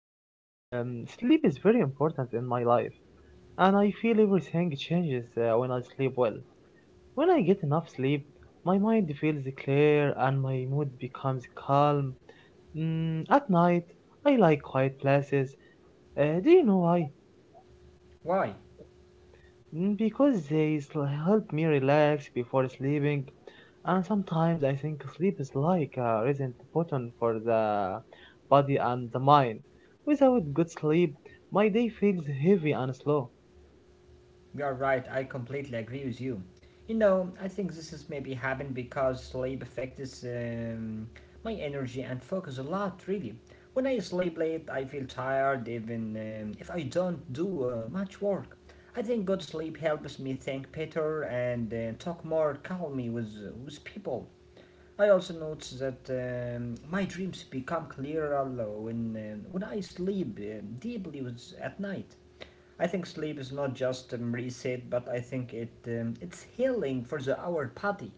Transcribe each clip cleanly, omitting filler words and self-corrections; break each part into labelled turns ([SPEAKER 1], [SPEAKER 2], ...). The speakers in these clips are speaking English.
[SPEAKER 1] Ahmed, sleep is very important in my life, and I feel everything changes when I sleep well. When I get enough sleep, my mind feels clear and my mood becomes calm. At night, I like quiet places. Do you know why?
[SPEAKER 2] Why?
[SPEAKER 1] Because help me relax before sleeping, and sometimes I think sleep is like a reset button for the body and the mind. Without good sleep my day feels heavy and slow.
[SPEAKER 2] You are right, I completely agree with you. You know, I think this is maybe happened because sleep affects my energy and focus a lot, really. When I sleep late, I feel tired even if I don't do much work. I think good sleep helps me think better and talk more calmly with people. I also notice that my dreams become clearer when I sleep deeply with, at night. I think sleep is not just reset, but I think it's healing for the our body.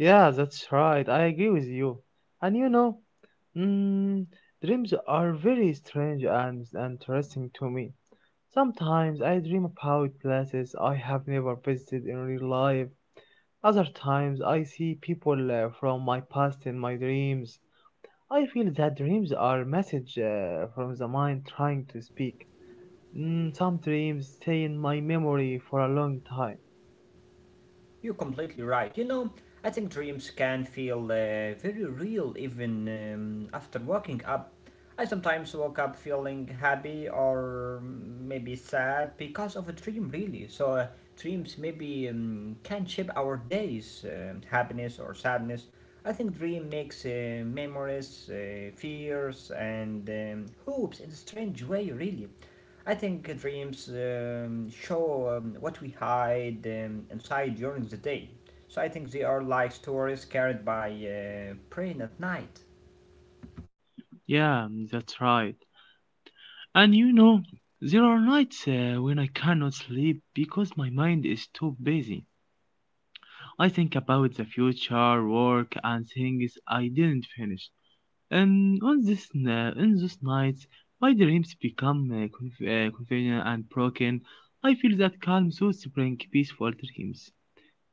[SPEAKER 1] Yeah, that's right, I agree with you. And you know, mm, dreams are very strange and interesting to me. Sometimes I dream about places I have never visited in real life. Other times I see people from my past in my dreams. I feel that dreams are message from the mind trying to speak. Some dreams stay in my memory for a long time.
[SPEAKER 2] You're completely right. You know, I think dreams can feel very real even after waking up. I sometimes woke up feeling happy or maybe sad because of a dream, really. So, dreams maybe can shape our days, happiness or sadness. I think dream makes memories, fears, and hopes in a strange way, really. I think dreams show what we hide inside during the day. So I think they are like stories carried by brain at night.
[SPEAKER 1] Yeah, that's right. And you know, there are nights when I cannot sleep because my mind is too busy. I think about the future, work, and things I didn't finish. In those nights, my dreams become confusing and broken. I feel that calm source bring peaceful dreams.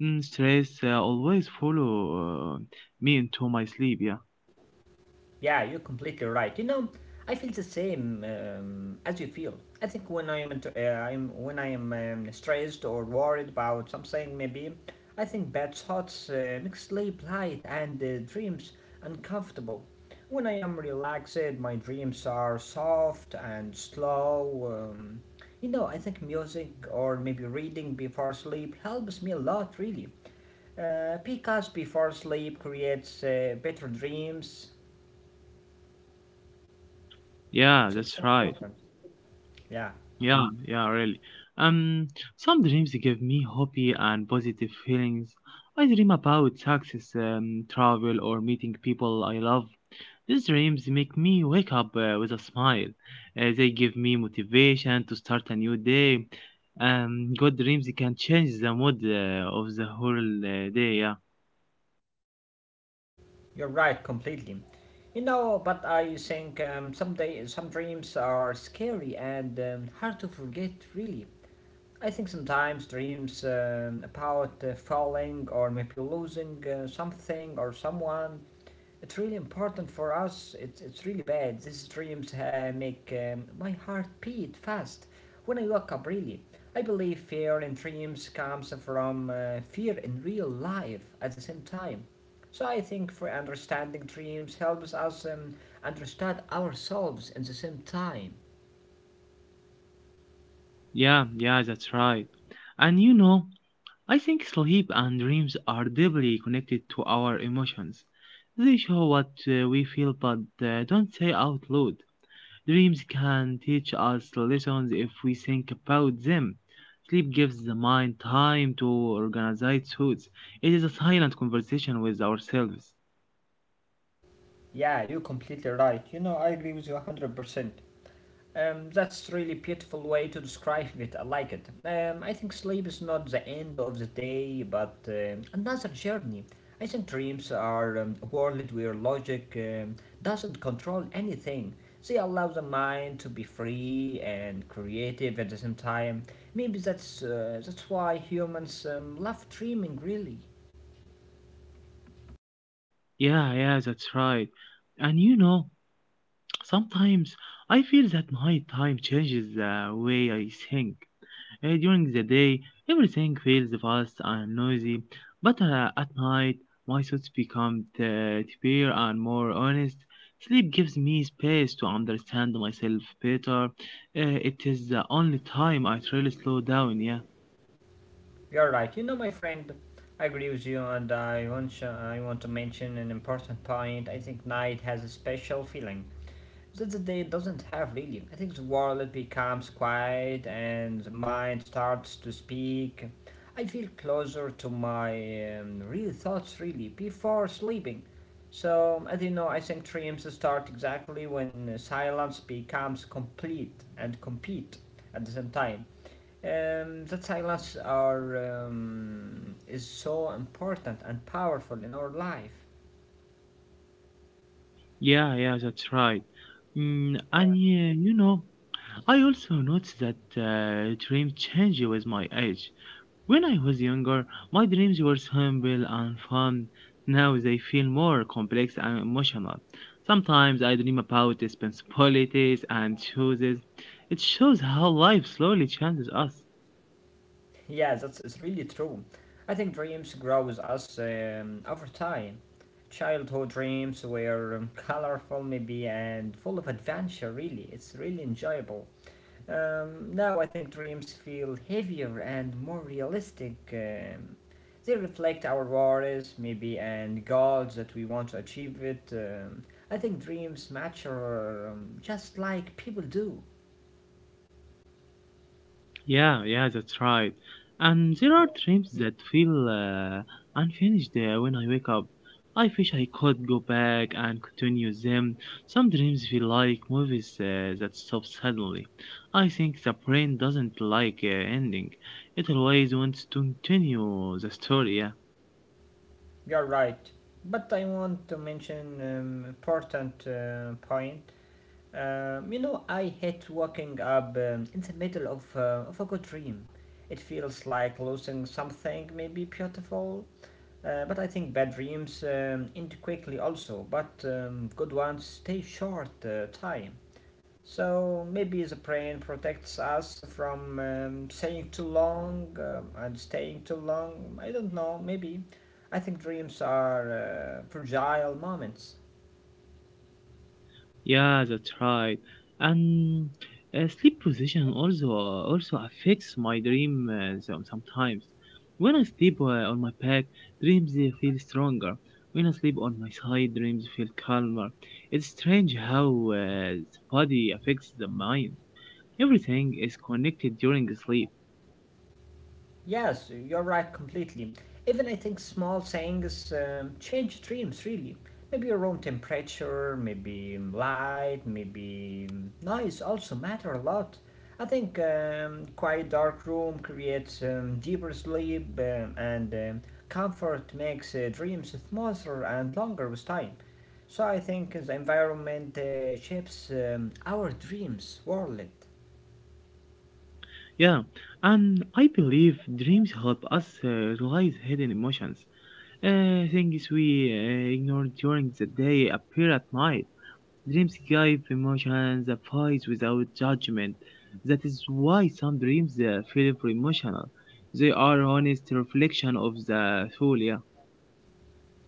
[SPEAKER 1] Stress always follow uh, me into my sleep. Yeah,
[SPEAKER 2] Yeah, you're completely right. You know, I feel the same as you feel. I think when I am stressed or worried about something, maybe I think bad thoughts make sleep light and dreams uncomfortable. When I am relaxed, my dreams are soft and slow. You know, I think music or maybe reading before sleep helps me a lot, really. Because before sleep creates better dreams.
[SPEAKER 1] yeah,
[SPEAKER 2] So it's
[SPEAKER 1] that's
[SPEAKER 2] so
[SPEAKER 1] right.
[SPEAKER 2] important. Yeah,
[SPEAKER 1] Yeah, yeah, really. Um, some dreams give me hope and positive feelings. I dream about success, travel, or meeting people I love. These dreams make me wake up with a smile. They give me motivation to start a new day. Good dreams can change the mood of the whole day. Yeah,
[SPEAKER 2] you're right completely. You know, but I think some day some dreams are scary and hard to forget. Really, I think sometimes dreams about falling or maybe losing something or someone. It's really important for us. It's really bad. These dreams make my heart beat fast when I wake up, really. I believe fear in dreams comes from fear in real life at the same time. So I think for understanding dreams helps us understand ourselves at the same time.
[SPEAKER 1] yeah, yeah, that's right. And you know, I think sleep and dreams are deeply connected to our emotions. They show what we feel but don't say out loud. Dreams can teach us lessons if we think about them. Sleep gives the mind time to organize its thoughts. It is a silent conversation with ourselves.
[SPEAKER 2] Yeah, you're completely right. You know, I agree with you 100%. That's really beautiful way to describe it. I like it. I think sleep is not the end of the day, but another journey. I think dreams are a world where logic doesn't control anything. They allow the mind to be free and creative at the same time. Maybe that's why humans love dreaming. Really.
[SPEAKER 1] Yeah, yeah, that's right. And you know, sometimes I feel that my time changes the way I think. During the day, everything feels fast and noisy, but at night, my thoughts become clearer and more honest. Sleep gives me space to understand myself better. It is the only time I truly slow down, yeah.
[SPEAKER 2] You're right. You know, my friend, I agree with you, and I want to mention an important point. I think night has a special feeling that the day doesn't have really. I think the world becomes quiet and the mind starts to speak. I feel closer to my real thoughts really before sleeping. So, as you know, I think dreams start exactly when silence becomes complete and complete at the same time. That silence are is so important and powerful in our life.
[SPEAKER 1] Yeah, yeah, that's right. And yeah, you know, I also notice that dreams change with my age. When I was younger, my dreams were simple and fun. Now they feel more complex and emotional. Sometimes I dream about responsibilities and choices. It shows how life slowly changes us.
[SPEAKER 2] Yeah, that's it's really true. I think dreams grow with us over time. Childhood dreams were colorful, maybe, and full of adventure. Really, it's really enjoyable. Now I think dreams feel heavier and more realistic. They reflect our worries, maybe, and goals that we want to achieve it. I think dreams mature just like people do.
[SPEAKER 1] Yeah, yeah, that's right. And there are dreams that feel unfinished when I wake up. I wish I could go back and continue them. Some dreams feel like movies that stop suddenly. I think the brain doesn't like ending. It always wants to continue the story. Yeah.
[SPEAKER 2] You're right. But I want to mention important point. You know, I hate waking up in the middle of a good dream. It feels like losing something maybe beautiful. But I think bad dreams end quickly also, but good ones stay short time. So maybe the brain protects us from staying too long and staying too long. I don't know, maybe. I think dreams are fragile moments.
[SPEAKER 1] Yeah, that's right. And sleep position also affects my dream sometimes. When I sleep on my back, dreams feel stronger. When I sleep on my side, dreams feel calmer. It's strange how the body affects the mind. Everything is connected during sleep.
[SPEAKER 2] Yes, you're right completely. Even I think small things change dreams really. Maybe your room temperature, maybe light, maybe noise also matter a lot. I think quiet dark room creates deeper sleep and comfort makes dreams smoother and longer with time. So I think the environment shapes our dreams world.
[SPEAKER 1] Yeah, and I believe dreams help us realize hidden emotions. Things we ignore during the day appear at night. Dreams give emotions a voice without judgment. That is why some dreams feel emotional. They are honest reflection of the soul, yeah.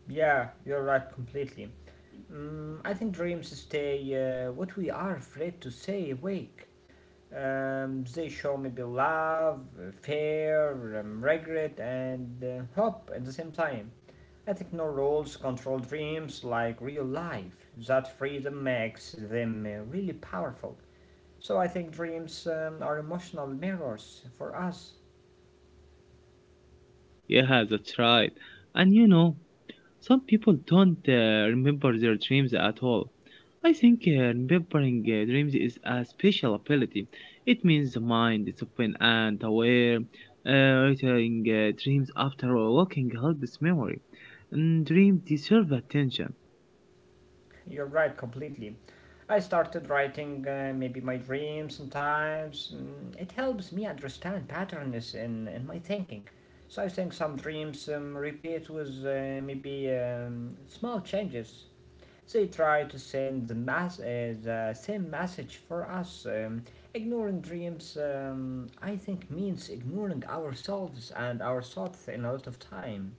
[SPEAKER 2] Yeah, you're right completely. Mm, I think dreams stay what we are afraid to say awake. They show maybe love, fear, regret, and hope at the same time. I think no rules control dreams like real life. That freedom makes them really powerful. So I think dreams are emotional mirrors for us.
[SPEAKER 1] Yeah, that's right. And you know, some people don't remember their dreams at all. I think remembering dreams is a special ability. It means the mind is open and aware. Writing dreams after walking helps memory. And dreams deserve attention.
[SPEAKER 2] You're right, completely. I started writing maybe my dreams sometimes. Mm, it helps me understand patterns in my thinking. So I think some dreams repeat with maybe small changes. They try to send the same message for us. Ignoring dreams, I think, means ignoring ourselves and our thoughts in a lot of time.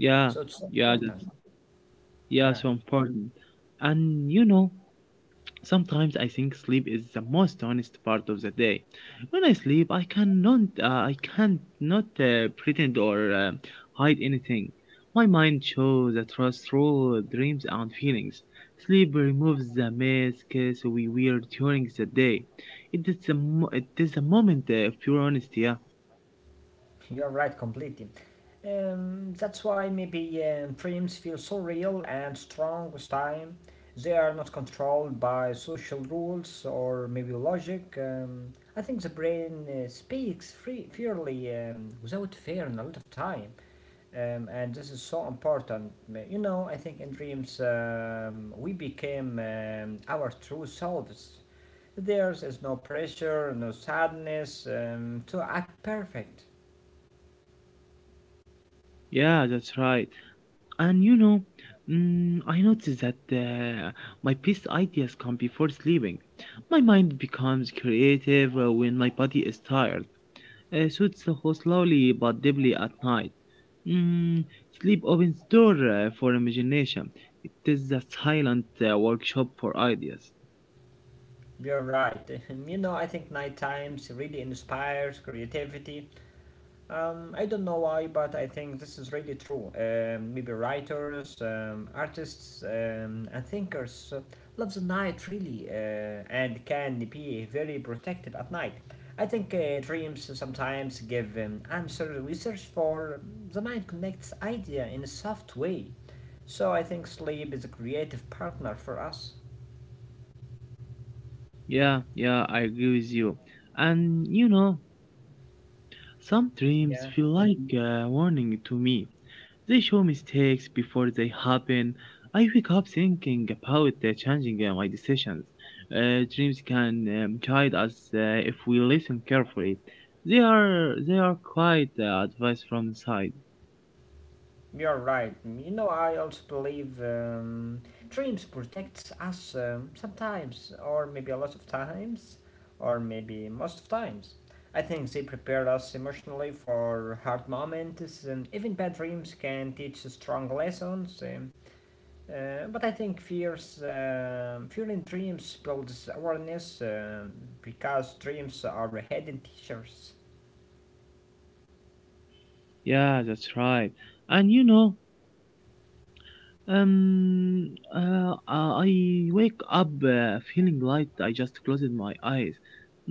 [SPEAKER 1] Yeah,
[SPEAKER 2] So it's so
[SPEAKER 1] yeah, that's
[SPEAKER 2] important.
[SPEAKER 1] yeah,
[SPEAKER 2] Yeah.
[SPEAKER 1] so important. And you know, sometimes I think sleep is the most honest part of the day. When I sleep, I can't not pretend or hide anything. My mind shows the trust through dreams and feelings. Sleep removes the masks we wear during the day. It is the moment of pure honesty. Yeah,
[SPEAKER 2] You're right, completely. That's why maybe dreams feel so real and strong with time. They are not controlled by social rules or maybe logic. I think the brain speaks free, fairly without fear and a lot of time. And this is so important. You know, I think in dreams we became our true selves. There is no pressure, no sadness to act perfect.
[SPEAKER 1] yeah, that's right. And you know, I noticed that my best ideas come before sleeping. My mind becomes creative when my body is tired. Suits who slowly but deeply at night. Mm, Sleep opens door for imagination. It is a silent workshop for ideas.
[SPEAKER 2] You're right. You know, I think night times really inspires creativity. I don't know why, but I think this is really true. Maybe writers, artists, and thinkers love the night really and can be very protective at night. I think dreams sometimes give answers we search for. The mind connects idea in a soft way. So I think sleep is a creative partner for us.
[SPEAKER 1] Yeah, yeah, I agree with you. And you know, some dreams
[SPEAKER 2] Yeah.
[SPEAKER 1] feel like a warning to me. They show mistakes before they happen. I wake up thinking about changing my decisions. Dreams can guide us if we listen carefully. They are quite advice from inside.
[SPEAKER 2] You're right. You know, I also believe dreams protects us sometimes, or maybe a lot of times, or maybe most of times. I think they prepare us emotionally for hard moments, and even bad dreams can teach us strong lessons. But I think fear in dreams builds awareness because dreams are hidden teachers.
[SPEAKER 1] Yeah, that's right. And you know, I wake up feeling light. I just closed my eyes.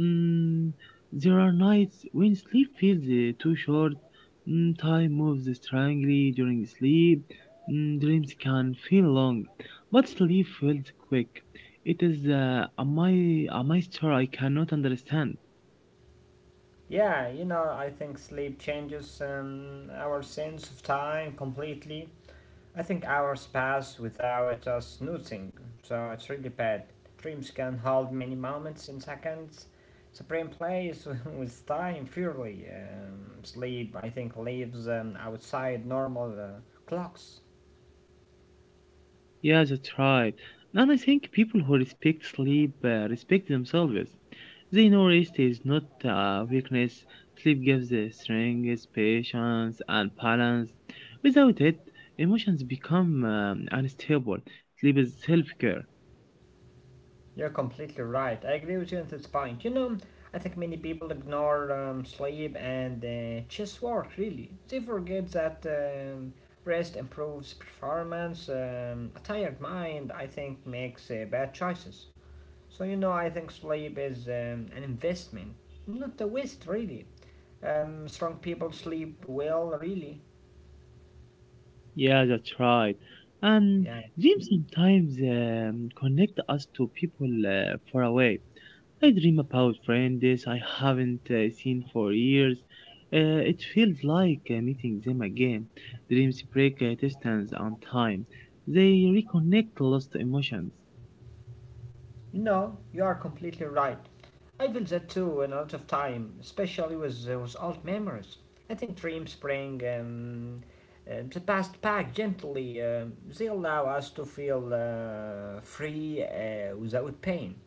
[SPEAKER 1] Mm, there are nights when sleep feels too short. Time moves strangely during sleep. Dreams can feel long, but sleep feels quick. It is a master I cannot understand.
[SPEAKER 2] Yeah, you know, I think sleep changes our sense of time completely. I think hours pass without us noticing, so it's really bad. Dreams can hold many moments in seconds. The brain plays with time fairly. Sleep, I think, lives outside normal clocks.
[SPEAKER 1] Yeah, that's right. And I think people who respect sleep respect themselves. They know rest is not a weakness. Sleep gives the strength, patience, and balance. Without it, emotions become unstable. Sleep is self care.
[SPEAKER 2] You're completely right. I agree with you on this point. You know, I think many people ignore sleep and chess work, really. They forget that rest improves performance. A tired mind, I think, makes bad choices. So, you know, I think sleep is an investment, not a waste, really. Strong people sleep well, really.
[SPEAKER 1] Yeah, that's right. And
[SPEAKER 2] Yeah.
[SPEAKER 1] dreams sometimes connect us to people far away. I dream about friends I haven't seen for years. It feels like meeting them again. Dreams break distance and time. They reconnect lost emotions.
[SPEAKER 2] No, you are completely right. I feel that too in a lot of time, especially with old memories. I think dreams bring the past back gently. They allow us to feel free without pain.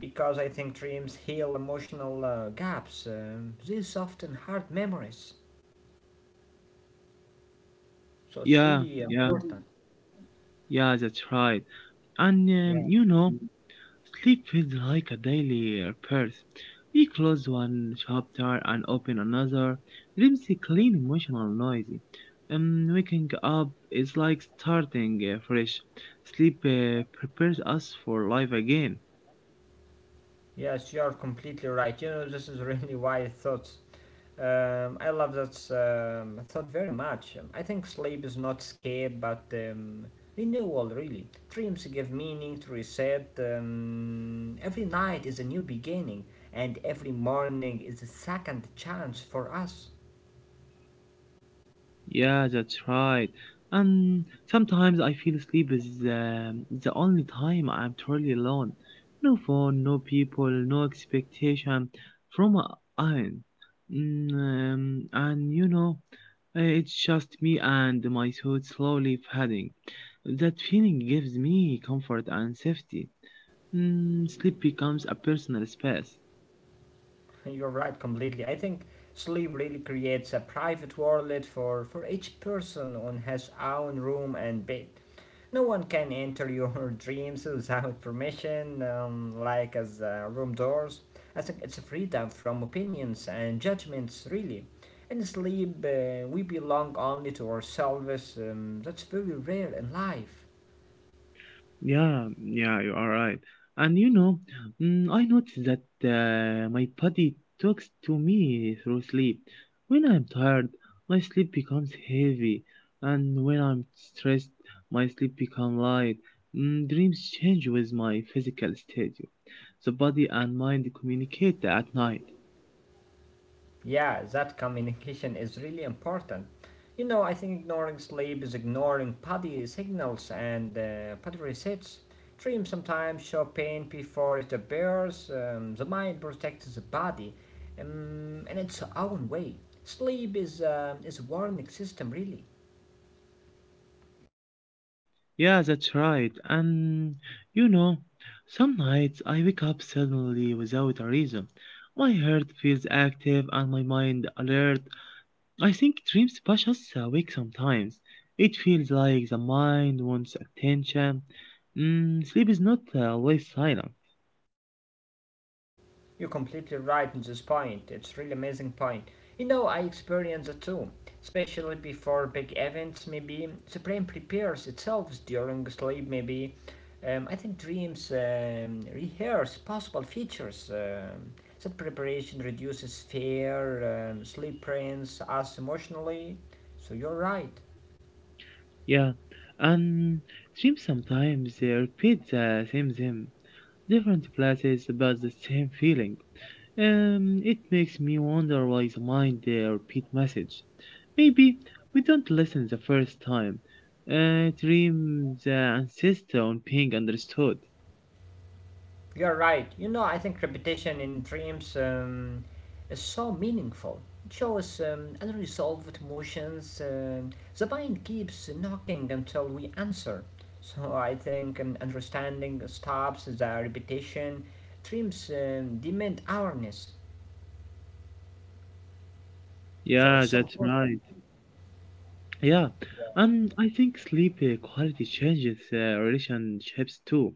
[SPEAKER 2] Because I think dreams heal emotional gaps. They soften hard memories. So it's
[SPEAKER 1] Yeah,
[SPEAKER 2] really
[SPEAKER 1] yeah,
[SPEAKER 2] important.
[SPEAKER 1] yeah, that's right. And
[SPEAKER 2] Yeah.
[SPEAKER 1] um, you know, sleep feels like a daily purse. We close one chapter and open another. Dreams are clean, emotional, noisy. Waking up is like starting fresh. Sleep prepares us for life again.
[SPEAKER 2] Yes, you are completely right. You know, this is really why I thought. I love that thought very much. I think sleep is not escape, but renewal, really. Dreams give meaning to reset. Every night is a new beginning, and every morning is a second chance for us.
[SPEAKER 1] Yeah, that's right. And sometimes I feel sleep is the only time I'm truly alone. No phone, no people, no expectation from a iron. And you know, it's just me and my thoughts slowly fading. That feeling gives me comfort and safety. Sleep becomes a personal space.
[SPEAKER 2] You're right completely. I think sleep really creates a private world for each person on his own room and bed. No one can enter your dreams without permission, like as room doors. I think it's a freedom from opinions and judgments, really. In sleep, we belong only to ourselves. That's very rare in life.
[SPEAKER 1] Yeah, yeah, you are right. And you know, I noticed that my body talks to me through sleep. When I'm tired, my sleep becomes heavy, and when I'm stressed, my sleep becomes light. Dreams change with my physical state. The body and mind communicate at night.
[SPEAKER 2] Yeah, that communication is really important. You know, I think ignoring sleep is ignoring body signals and body resets. Dreams sometimes show pain before it appears. The mind protects the body in its own way. Sleep is a warning system, really.
[SPEAKER 1] Yeah, that's right. And you know, some nights I wake up suddenly without a reason. My heart feels active and my mind alert. I think dreams push us awake sometimes. It feels like the mind wants attention. Sleep is not always silent.
[SPEAKER 2] You're completely right on this point. It's really amazing point. You know, I experience it too, especially before big events. Maybe the brain prepares itself during sleep. Maybe I think dreams rehearse possible features. That preparation reduces fear. Sleep trains us emotionally. So you're right.
[SPEAKER 1] Yeah, and dreams sometimes repeat the same thing, different places but the same feeling. It makes me wonder why the mind repeat message. Maybe we don't listen the first time. Dream the ancestor on being understood.
[SPEAKER 2] You're right. You know, I think repetition in dreams is so meaningful. It shows unresolved emotions. The mind keeps knocking until we answer. So I think understanding stops the repetition. Dreams demand awareness. So it's
[SPEAKER 1] Yeah,
[SPEAKER 2] so
[SPEAKER 1] that's
[SPEAKER 2] important.
[SPEAKER 1] right. Yeah, and I think sleep quality changes relationships too.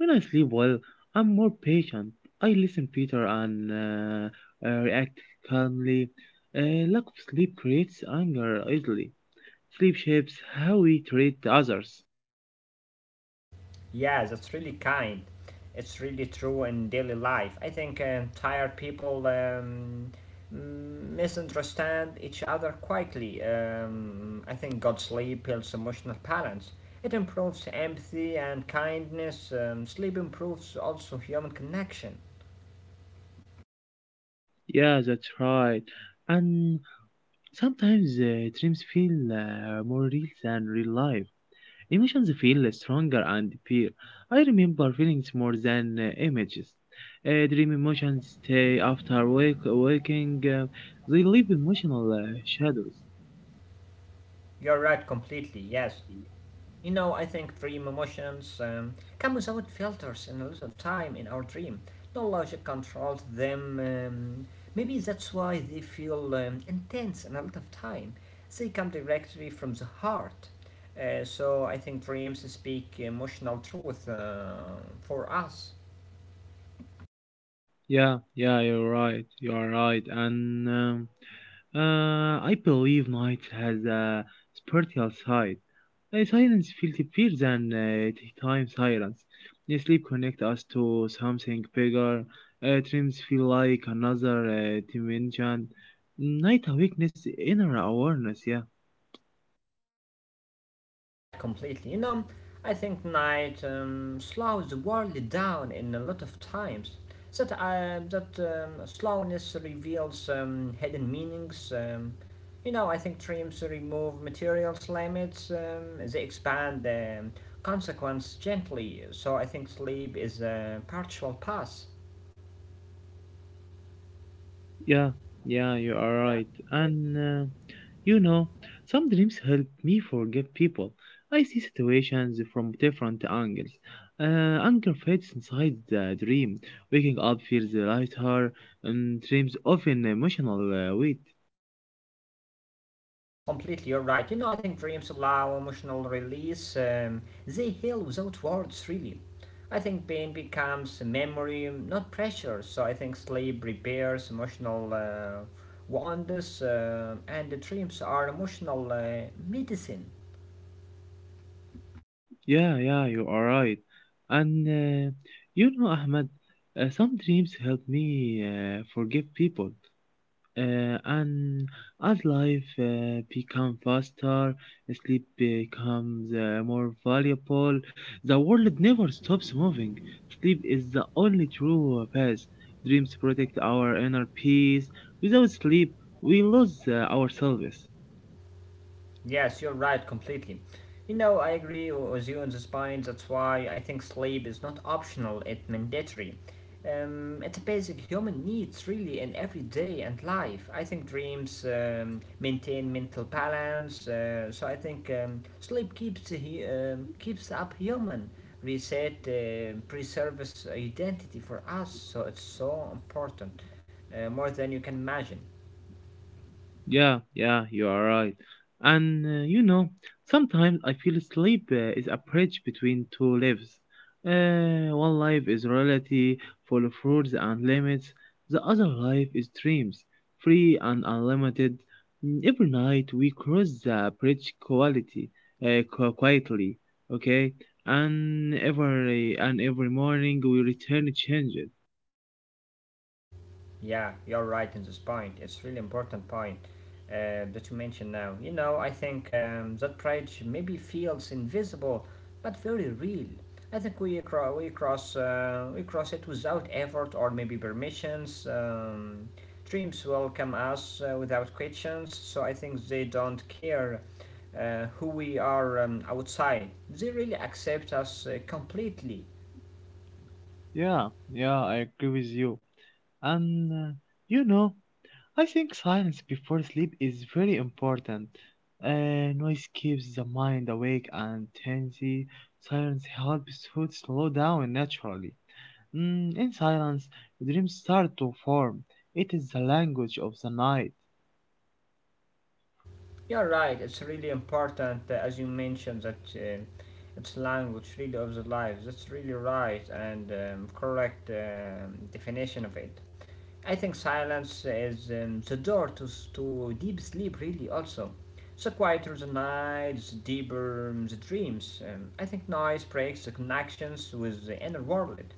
[SPEAKER 1] When I sleep well, I'm more patient. I listen Peter and react calmly. Lack of sleep creates anger easily. Sleep shapes how we treat others.
[SPEAKER 2] Yeah, that's really kind. It's really true in daily life. I think tired people misunderstand each other quietly. I think good sleep builds emotional balance. It improves empathy and kindness. Sleep improves also human connection.
[SPEAKER 1] Yeah, that's right. And sometimes dreams feel more real than real life. Emotions feel stronger and pure. I remember feelings more than images. Dream emotions stay after wake waking. They leave emotional shadows.
[SPEAKER 2] You're right completely, yes. You know, I think dream emotions come without filters and a lot of time in our dream. No logic controls them. Maybe that's why they feel intense and a lot of time. They come directly from the heart. So I think dreams speak emotional truth for us.
[SPEAKER 1] Yeah, yeah, you're right. You are right. And I believe night has a spiritual side. Silence feels deeper than time silence. Sleep connects us to something bigger. Dreams feel like another dimension. Night awakeness, inner awareness, yeah.
[SPEAKER 2] You're right, completely. You know, I think night slows the world down in a lot of times. That slowness reveals hidden meanings. You know, I think dreams remove materials limits. They expand the consequence gently. So I think sleep is a partial pass.
[SPEAKER 1] Yeah, yeah, you are right. And you know, some dreams help me forgive people. I see situations from different angles. Anger fades inside the dream. Waking up feels lighter, and dreams often emotional weight.
[SPEAKER 2] Completely, you're right. You know, I think dreams allow emotional release. They heal without words, really. I think pain becomes a memory, not pressure. So I think sleep repairs emotional wounds, and the dreams are emotional medicine.
[SPEAKER 1] Yeah, yeah, you are right. And you know, Ahmed, some dreams help me forgive people. And as life become faster, sleep becomes more valuable. The world never stops moving. Sleep is the only true path. Dreams protect our inner peace. Without sleep, we lose ourselves.
[SPEAKER 2] Yes, you're right, completely. You know, I agree with you on this point. That's why I think sleep is not optional, it's mandatory. It's a basic human needs, really, in everyday and life. I think dreams maintain mental balance, so I think sleep keeps the keeps up human, reset, preserves identity for us. So it's so important, more than you can imagine.
[SPEAKER 1] Yeah, yeah, you are right. And you know, sometimes I feel sleep is a bridge between two lives. One life is reality, full of rules and limits. The other life is dreams, free and unlimited. Every night we cross the bridge quietly, okay? And every morning we return changed.
[SPEAKER 2] Yeah, you're right in this point. It's really important point that you mentioned now. You know, I think that bridge maybe feels invisible, but very real. I think we cross it without effort or maybe permissions. Dreams welcome us without questions, so I think they don't care who we are outside. They really accept us completely.
[SPEAKER 1] Yeah, yeah, I agree with you. And you know, I think silence before sleep is very important. Noise keeps the mind awake and tense. Silence helps to slow down naturally. In silence, dreams start to form. It is the language of the night.
[SPEAKER 2] You're right. It's really important, as you mentioned, that it's language really of the lives. That's really right and correct definition of it. I think silence is the door to to deep sleep. Really, also. So quieter the nights, deeper the dreams. I think noise breaks the connections with the inner world.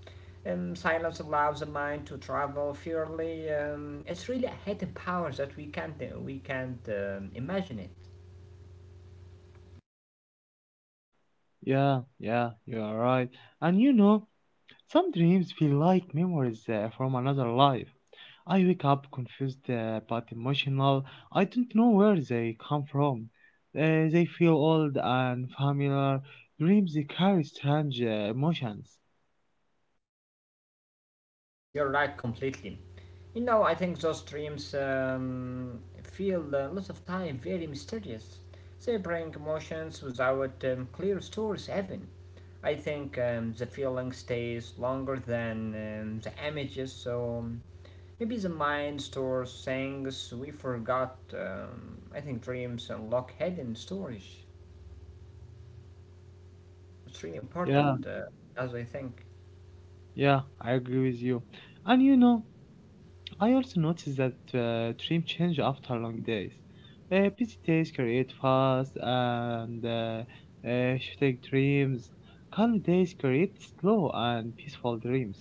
[SPEAKER 2] Silence allows the mind to travel freely. It's really a hidden power that we can't imagine it.
[SPEAKER 1] Yeah, yeah, you are right. And you know, some dreams feel like memories from another life. I wake up confused, but emotional. I don't know where they come from. They feel old and familiar. Dreams, they carry strange emotions.
[SPEAKER 2] You're right completely. You know, I think those dreams feel a lot of time very mysterious. They bring emotions without clear stories even. I think the feeling stays longer than the images, so maybe the mind stores things we forgot. I think dreams unlock hidden stories. It's really
[SPEAKER 1] Yeah,
[SPEAKER 2] important, as I think.
[SPEAKER 1] yeah, I agree with you. And you know, I also noticed that dreams change after long days. Busy days create fast and shooting dreams. Calm days create slow and peaceful dreams.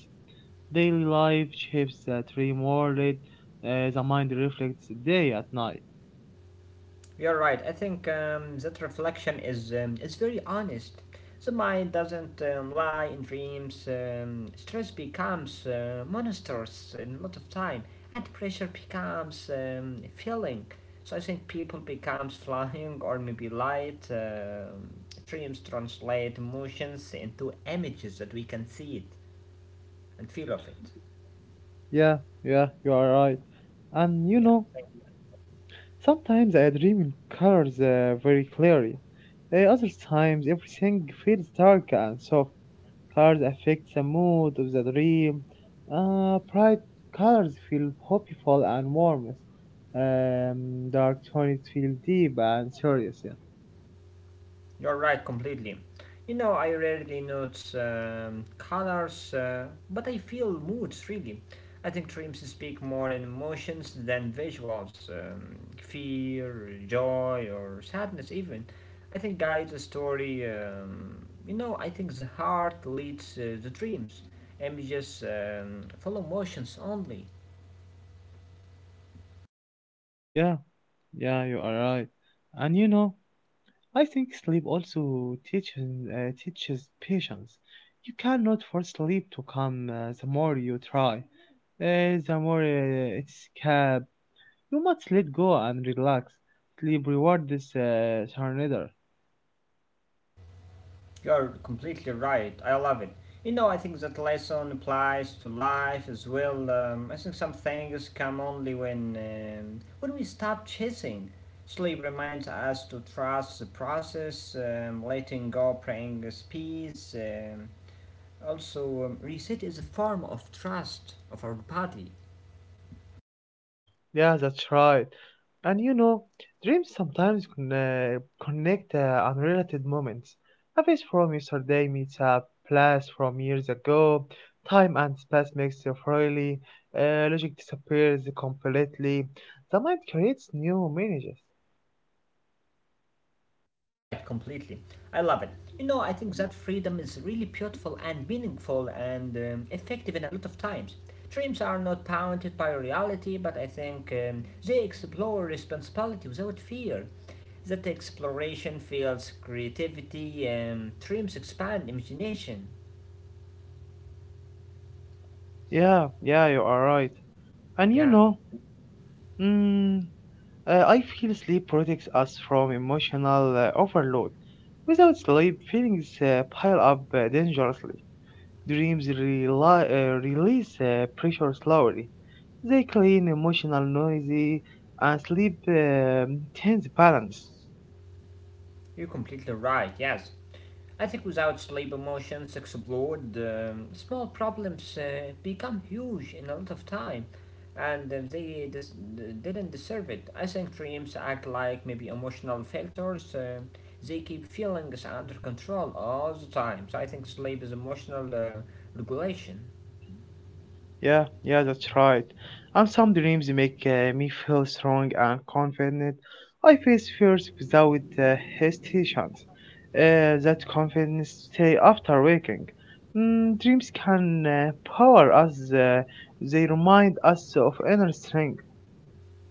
[SPEAKER 1] Daily life shapes the dream world. The mind reflects day at night.
[SPEAKER 2] You're right. I think that reflection is very honest. The mind doesn't lie in dreams. Stress becomes monsters in a lot of time, and pressure becomes feeling. So I think people becomes flying or maybe light. Dreams translate emotions into images that we can see it and feel of it.
[SPEAKER 1] Yeah, yeah, you are right. And you know,
[SPEAKER 2] Yeah.
[SPEAKER 1] sometimes I dream in colors very clearly. Other times, everything feels dark and soft. Colors affect the mood of the dream. Bright colors feel hopeful and warm. Dark tones feel deep and serious. Yeah,
[SPEAKER 2] You're right completely. You know, I rarely note colors, but I feel moods really. I think dreams speak more in emotions than visuals fear, joy, or sadness, even. I think guides the story. You know, I think the heart leads the dreams. Images follow emotions only.
[SPEAKER 1] yeah, yeah, you are right. And you know, I think sleep also teaches patience. You cannot force sleep to come. The more you try, the more it's cap. You must let go and relax. Sleep rewards surrender.
[SPEAKER 2] You're completely right. I love it. You know, I think that lesson applies to life as well. I think some things come only when we stop chasing. Sleep reminds us to trust the process, letting go brings peace. Also, reset is a form of trust of our body.
[SPEAKER 1] Yeah, that's right. And you know, dreams sometimes connect unrelated moments. A face from yesterday meets a place from years ago. Time and space mix freely. Logic disappears completely. The mind creates new images.
[SPEAKER 2] You're right, completely. I love it. You know, I think that freedom is really beautiful and meaningful and effective in a lot of times. Dreams are not bounded by reality, but I think they explore responsibility without fear. That exploration fuels creativity, and dreams expand imagination.
[SPEAKER 1] Yeah, yeah, you are right. And you
[SPEAKER 2] Yeah.
[SPEAKER 1] know, mm, I feel sleep protects us from emotional overload. Without sleep, feelings pile up dangerously. Dreams release pressure slowly. They clean, emotional, noisy, and sleep tense balance.
[SPEAKER 2] You're completely right, yes. I think without sleep, emotions sex small problems become huge in a lot of time, and they didn't deserve it. I think dreams act like maybe emotional filters. They keep feelings under control all the time. So I think sleep is emotional regulation.
[SPEAKER 1] Yeah, yeah, that's right. And some dreams make me feel strong and confident. I face fears without hesitation. That confidence stay after waking. Dreams can power us. They remind us of inner strength.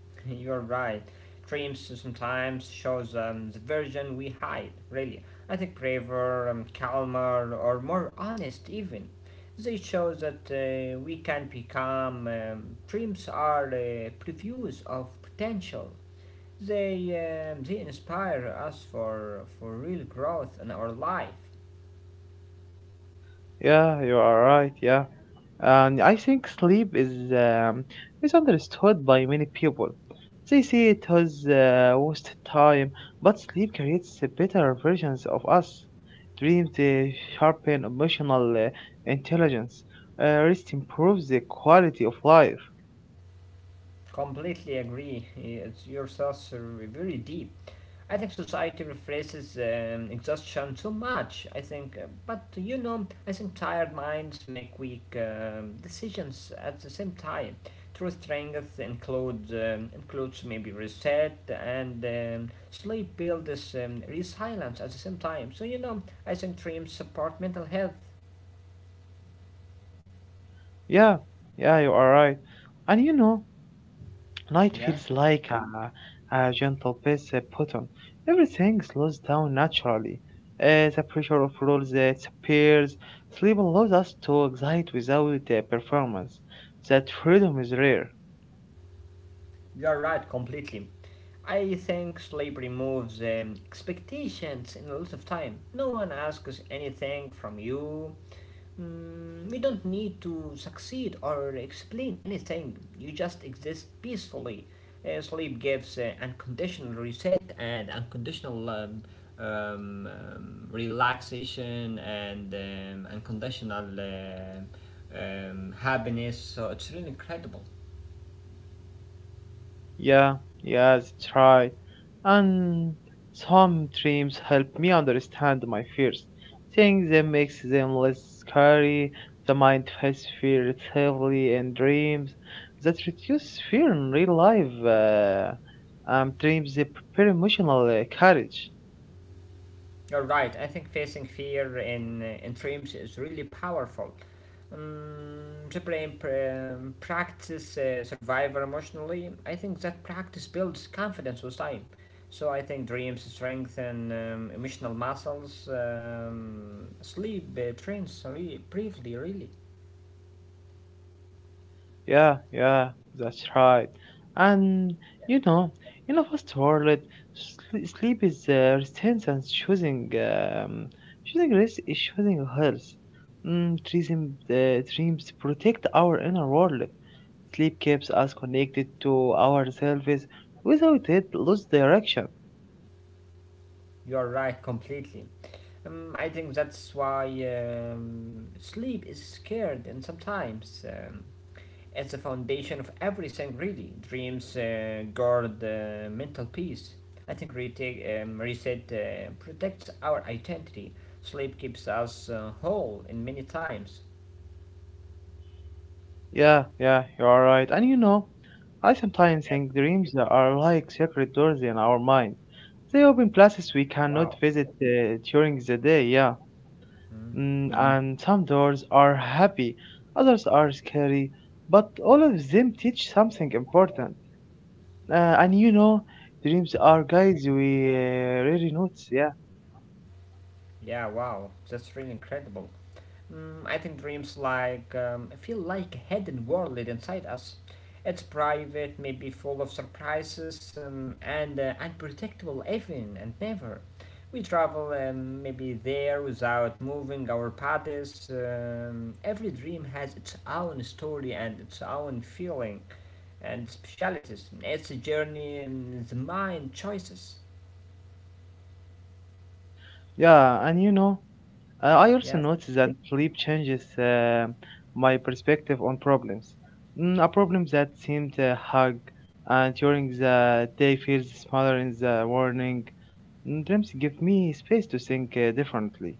[SPEAKER 2] You're right. Dreams sometimes shows the version we hide, really. I think braver, calmer, or more honest, even. They show that we can become. Dreams are previews of potential. They, they inspire us for real growth in our life.
[SPEAKER 1] Yeah, you are right. Yeah, and I think sleep is misunderstood by many people. They see it as wasted time, but sleep creates the better versions of us. Dreams sharpen emotional intelligence. Rest improves the quality of life.
[SPEAKER 2] Completely agree. It's yourself very deep. I think society rephrases exhaustion so much. I think, but you know, I think tired minds make weak decisions at the same time. True strength includes includes maybe reset and sleep builds resilience at the same time. So you know, I think dreams support mental health.
[SPEAKER 1] Yeah, yeah, you are right. And you know, night
[SPEAKER 2] Yeah,
[SPEAKER 1] feels like a gentle pace button. Everything slows down naturally. The pressure of rules disappears. Sleep allows us to excite without performance. That freedom is rare.
[SPEAKER 2] you are right completely. I think sleep removes expectations in a lot of time. No one asks anything from you. Mm, you don't need to succeed or explain anything, you just exist peacefully. Sleep gives unconditional reset and unconditional um, relaxation and unconditional happiness, so it's really incredible.
[SPEAKER 1] Yeah, yeah, that's right. And some dreams help me understand my fears. Seeing them makes them less scary. The mind faces fear heavily in dreams that reduce fear in real life. Dreams, they prepare emotional courage.
[SPEAKER 2] You're right. I think facing fear in dreams is really powerful. The brain practice survivor emotionally. I think that practice builds confidence with time. So I think dreams strengthen emotional muscles. Sleep trains really briefly, really.
[SPEAKER 1] Yeah, yeah, that's right. And you know, in a fast world, sleep is resistance, and choosing rest is choosing health. Dreams, dreams protect our inner world. Sleep keeps us connected to ourselves without it lose direction.
[SPEAKER 2] You're right, completely. I think that's why sleep is scared, and sometimes it's the foundation of everything, really. Dreams guard mental peace. I think retake, reset protects our identity. Sleep keeps us whole in many times.
[SPEAKER 1] Yeah, yeah, you are right. And you know, I sometimes
[SPEAKER 2] Yes,
[SPEAKER 1] think dreams are like separate doors in our mind. They open places we cannot
[SPEAKER 2] wow.
[SPEAKER 1] visit during the day, yeah.
[SPEAKER 2] Mm.
[SPEAKER 1] Mm, hmm, and some doors are happy, others are scary, but all of them teach something important. And you know, dreams are guides we really notice, yeah.
[SPEAKER 2] Yeah, wow. That's really incredible. Mm, I think dreams like feel like a hidden world inside us. It's private, maybe full of surprises and unpredictable even and never. We travel maybe there without moving our bodies. Every dream has its own story and its own feeling and specialities. It's a journey in the mind choices.
[SPEAKER 1] Yeah, and you know, I also
[SPEAKER 2] Yeah.
[SPEAKER 1] noticed that sleep changes my perspective on problems. A problem that seemed hug and during the day feels smaller in the morning. Mm, dreams give me space to think differently.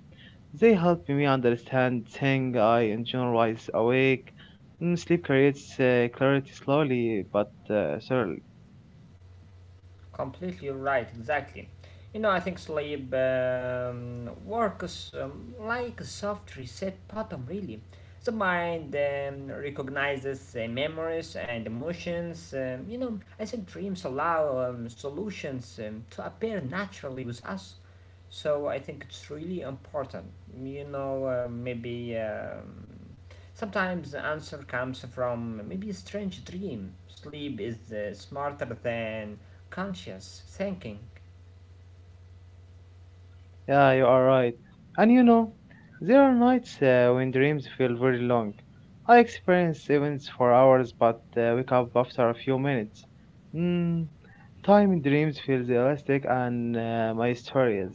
[SPEAKER 1] They help me understand things I in general is awake. Mm, sleep creates clarity slowly but surely.
[SPEAKER 2] Completely right, exactly. You know, I think sleep works like a soft reset button, really. The mind recognizes memories and emotions. You know, I think dreams allow solutions to appear naturally with us. So I think it's really important. You know, maybe sometimes the answer comes from maybe a strange dream. Sleep is smarter than conscious thinking.
[SPEAKER 1] Yeah, you are right. And you know, there are nights when dreams feel very long. I experience events for hours but wake up after a few minutes. Mm, time in dreams feels elastic and mysterious.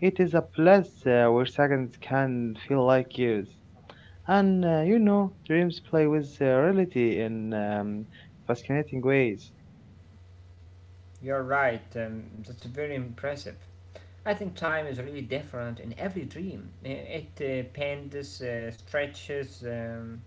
[SPEAKER 1] It is a place where seconds can feel like years. And you know, dreams play with reality in fascinating ways.
[SPEAKER 2] You're right, that's very impressive. I think time is really different in every dream. It bends, stretches,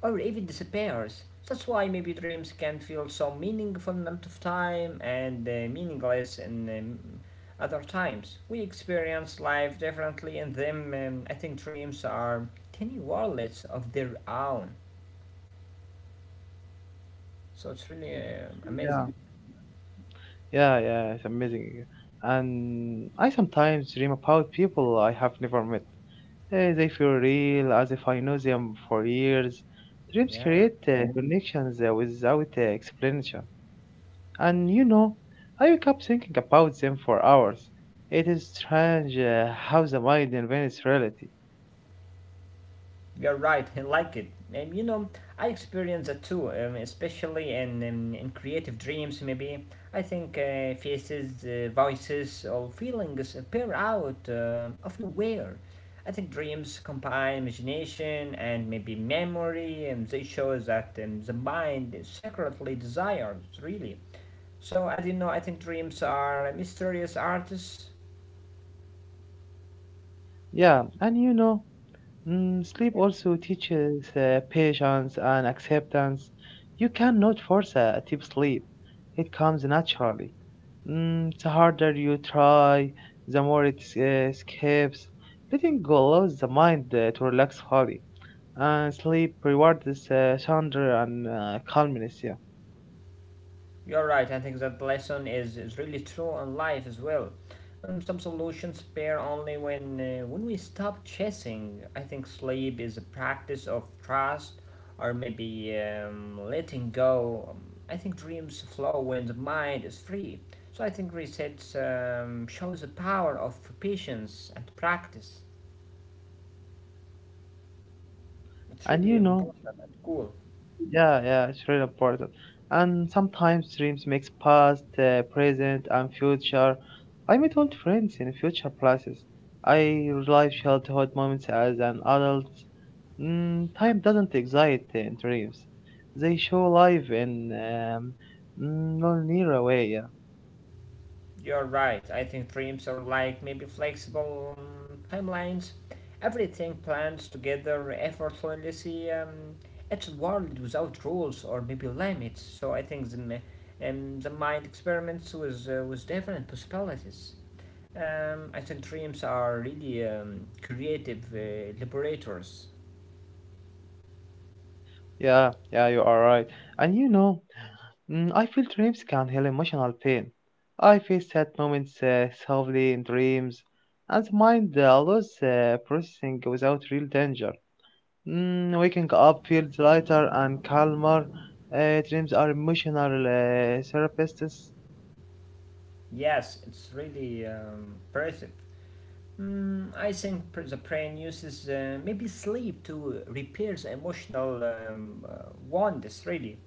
[SPEAKER 2] or even disappears. That's why maybe dreams can feel so meaningful in amount of time and meaningless in other times. We experience life differently in them. I think dreams are tiny worlds of their own. So it's really
[SPEAKER 1] Yeah.
[SPEAKER 2] amazing.
[SPEAKER 1] Yeah, yeah, it's amazing. And I sometimes dream about people I have never met. Eh, they feel real, as if I know them for years. Dreams
[SPEAKER 2] Yeah.
[SPEAKER 1] create connections without explanation. And you know, I wake up thinking about them for hours. It is strange how the mind invents reality.
[SPEAKER 2] You're right, I like it. You know, I experience that too, especially in creative dreams, maybe. I think faces, voices, or feelings appear out of nowhere. I think dreams combine imagination and maybe memory, and they show that the mind secretly desires, really. So, I don't know, I think dreams are mysterious artists.
[SPEAKER 1] Yeah, and you know, mm, sleep also teaches patience and acceptance. You cannot force a deep sleep, it comes naturally. Mm, the harder you try, the more it escapes. Letting go allows the mind to relax fully, and sleep rewards thunder and calmness. Yeah.
[SPEAKER 2] You're right. I think that lesson is really true on life as well. Some solutions appear only when we stop chasing. I think sleep is a practice of trust, or maybe letting go. I think dreams flow when the mind is free. So I think resets shows the power of patience and practice. It's
[SPEAKER 1] And
[SPEAKER 2] really
[SPEAKER 1] you know,
[SPEAKER 2] important and cool.
[SPEAKER 1] yeah, yeah, it's really important. And sometimes dreams mix past, present, and future. I meet old friends in future places. I relive childhood moments as an adult. Mm, time doesn't exist in dreams. They show life in non-linear way.
[SPEAKER 2] You're right. I think dreams are like maybe flexible timelines. Everything plans together effortlessly. It's a world without rules or maybe limits. So I think the mind experiments with different possibilities. I think dreams are really creative liberators.
[SPEAKER 1] Yeah, yeah, you are right. And you know, mm, I feel dreams can heal emotional pain. I feel sad moments softly in dreams, and the mind loses processing without real danger. Mm, waking up feels lighter and calmer. Dreams are emotional therapists.
[SPEAKER 2] Yes, it's really impressive. Mm, I think the brain uses maybe sleep to repair the emotional wounds. Really,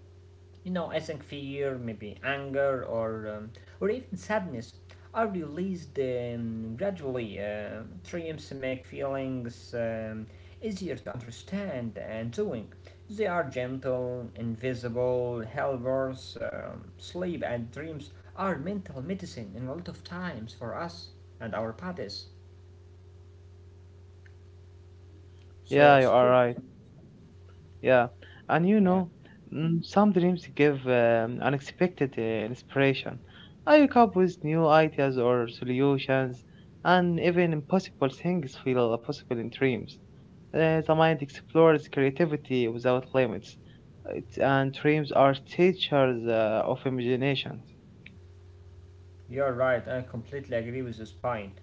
[SPEAKER 2] you know, I think fear, maybe anger, or even sadness are released gradually. Dreams make feelings easier to understand and doing. They are gentle, invisible helpers. Sleep and dreams are mental medicine in a lot of times for us and our bodies. So
[SPEAKER 1] Yeah, you
[SPEAKER 2] it's
[SPEAKER 1] are
[SPEAKER 2] cool.
[SPEAKER 1] right. Yeah, and you
[SPEAKER 2] Yeah,
[SPEAKER 1] know, mm, some dreams give unexpected inspiration. I wake up with new ideas or solutions, and even impossible things feel possible in dreams. The mind explores creativity without limits, it, and dreams are teachers of imagination.
[SPEAKER 2] you're right. I completely agree with this point.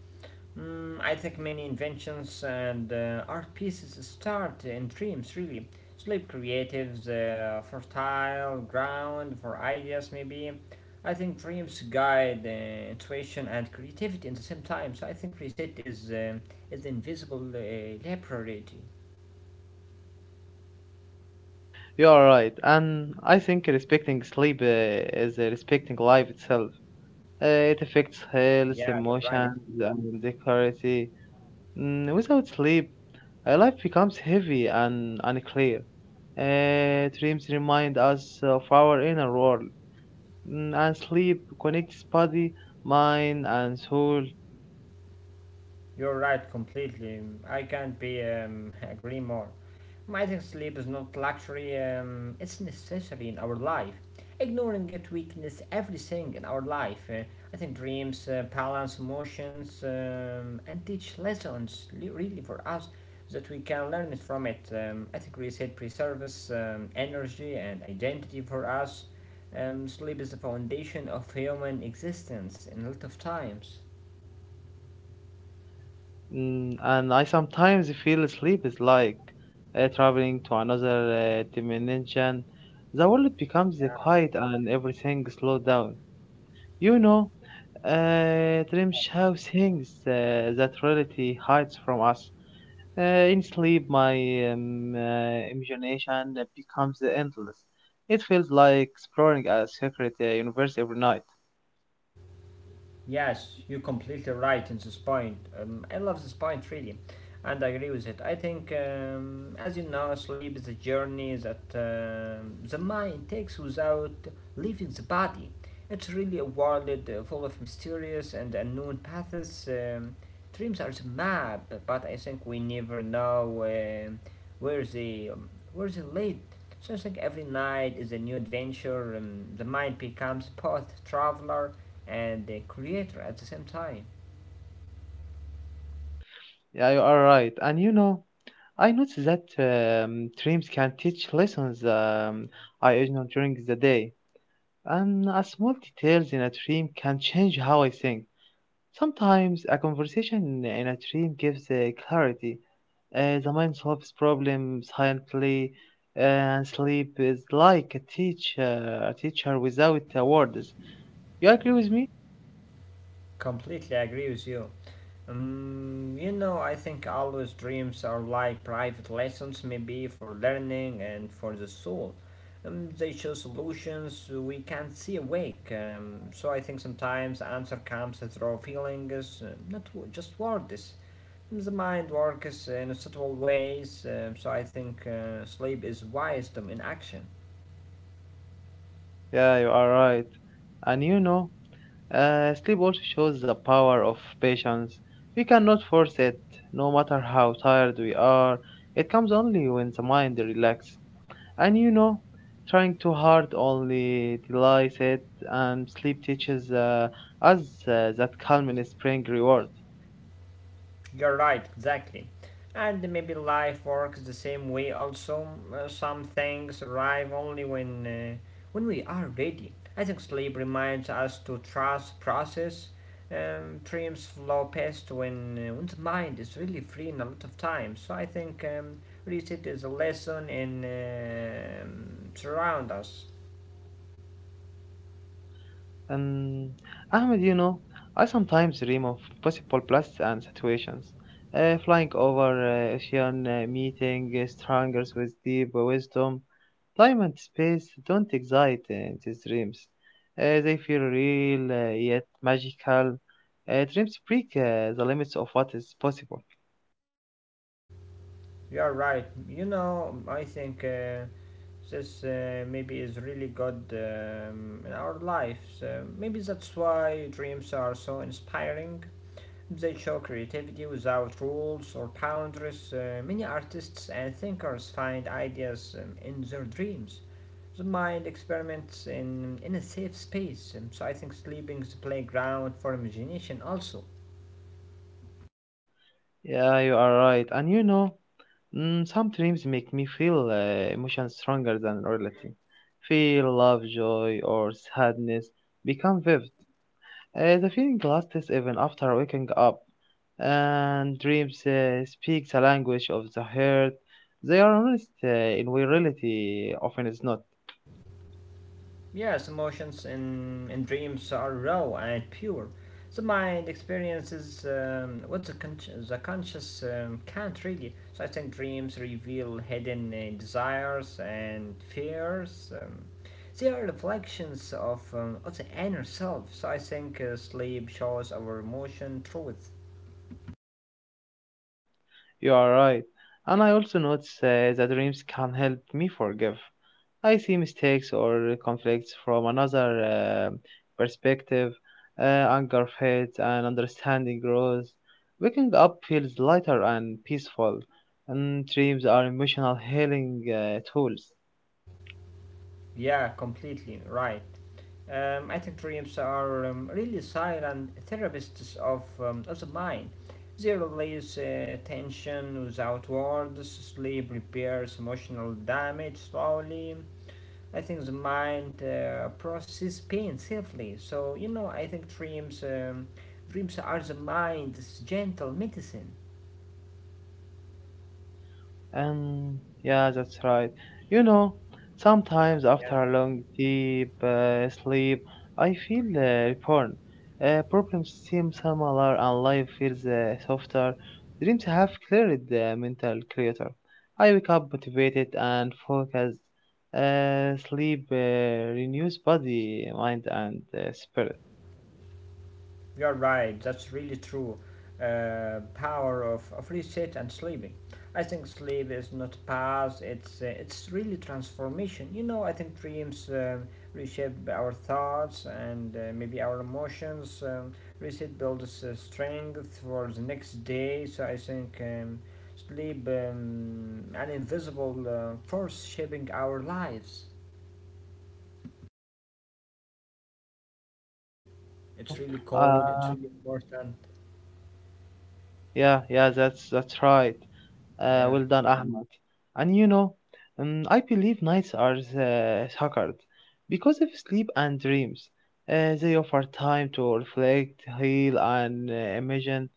[SPEAKER 2] Mm, I think many inventions and art pieces start in dreams, really. Sleep creatives, fertile ground for ideas, maybe. I think dreams guide intuition and creativity at the same time. So I think reset is the invisible library.
[SPEAKER 1] You are right, and I think respecting sleep is respecting life itself. It affects health,
[SPEAKER 2] Yeah, you're right.
[SPEAKER 1] emotions, and clarity. Mm, without sleep, life becomes heavy and unclear. Dreams remind us of our inner world, mm, and sleep connects body, mind, and soul.
[SPEAKER 2] You're right completely. I can't be agree more. I think sleep is not luxury, it's necessary in our life. Ignoring it weakness everything in our life. I think dreams, balance, emotions, and teach lessons really for us that we can learn it from it. I think reset preserves energy and identity for us. Sleep is the foundation of human existence in a lot of times.
[SPEAKER 1] Mm, and I sometimes feel sleep is like traveling to another dimension. The world becomes quiet and everything slows down. You know, dreams show things that reality hides from us. Uh, in sleep, my imagination becomes endless. It feels like exploring a secret universe every night.
[SPEAKER 2] Yes, you're completely right in this point. I love this point really, and I agree with it. I think, as you know, sleep is a journey that the mind takes without leaving the body. It's really a world full of mysterious and unknown paths. Dreams are the map, but I think we never know um where they lead. So I think every night is a new adventure, and the mind becomes both traveler and the creator at the same time.
[SPEAKER 1] Yeah, you are right. And you know, I noticed that dreams can teach lessons I ignore during the day. And a small details in a dream can change how I think. Sometimes a conversation in a dream gives clarity. The mind solves problems silently, and sleep is like a teacher without words. You agree with me?
[SPEAKER 2] Completely agree with you. You know, I think always dreams are like private lessons, maybe for learning and for the soul. They show solutions we can't see awake. So I think sometimes the answer comes through feelings, not just words. The mind works in subtle ways, so I think sleep is wisdom in action.
[SPEAKER 1] Yeah, you are right. And you know, sleep also shows the power of patience. We cannot force it, no matter how tired we are. It comes only when the mind relaxes. And you know, trying too hard only delays it, and sleep teaches us that calm in spring reward.
[SPEAKER 2] You're right, exactly. And maybe life works the same way also. Some things arrive only when we are ready. I think sleep reminds us to trust process. Dreams flow past when, the mind is really free in a lot of time. So I think reset is a lesson and surround us.
[SPEAKER 1] Um, Ahmed, you know, I sometimes dream of possible places and situations. Flying over ocean, meeting strangers with deep wisdom. Time and space don't excite these dreams. They feel real yet magical. Dreams break the limits of what is possible.
[SPEAKER 2] You're right. You know, I think this maybe is really good in our lives. Maybe that's why dreams are so inspiring. They show creativity without rules or boundaries. Many artists and thinkers find ideas in their dreams. The mind experiments in a safe space, so I think sleeping is the playground for imagination also.
[SPEAKER 1] Yeah, you are right. And you know, mm, some dreams make me feel emotions stronger than reality. Feel love, joy, or sadness become vivid. The feeling lasts even after waking up. And dreams speak the language of the heart. They are honest in way reality often is not.
[SPEAKER 2] Yes, emotions and dreams are raw and pure. The mind experiences what the, the conscious can't really. So I think dreams reveal hidden desires and fears. They are reflections of, of the inner self. So I think sleep shows our emotion truth.
[SPEAKER 1] You are right. And I also notice that dreams can help me forgive. I see mistakes or conflicts from another perspective. Anger fades and understanding grows. Waking up feels lighter and peaceful. And dreams are emotional healing tools.
[SPEAKER 2] Yeah, completely right. I think dreams are really silent therapists of, of the mind. They release tension without words, sleep repairs emotional damage slowly. I think the mind processes pain safely. So, you know, I think dreams are the mind's gentle medicine.
[SPEAKER 1] Yeah, that's right. You know, sometimes after a long, deep sleep, I feel reborn. Problems seem smaller and life feels softer. Dreams have cleared the mental clutter. I wake up motivated and focused. Sleep renews body, mind, and spirit.
[SPEAKER 2] You're right, that's really true. Power of reset and sleeping. I think sleep is not past, it's really transformation. You know, I think dreams reshape our thoughts and maybe our emotions. Reset builds strength for the next day, so I think sleep, an invisible force shaping our lives.
[SPEAKER 1] Yeah, you are right. And you
[SPEAKER 2] It's
[SPEAKER 1] know,
[SPEAKER 2] really cold,
[SPEAKER 1] uh,
[SPEAKER 2] it's really important.
[SPEAKER 1] yeah, yeah, that's right.
[SPEAKER 2] Yeah.
[SPEAKER 1] Well done, Ahmed. And you know, I believe nights are sacred because of sleep and dreams. They offer time to reflect, heal, and imagine.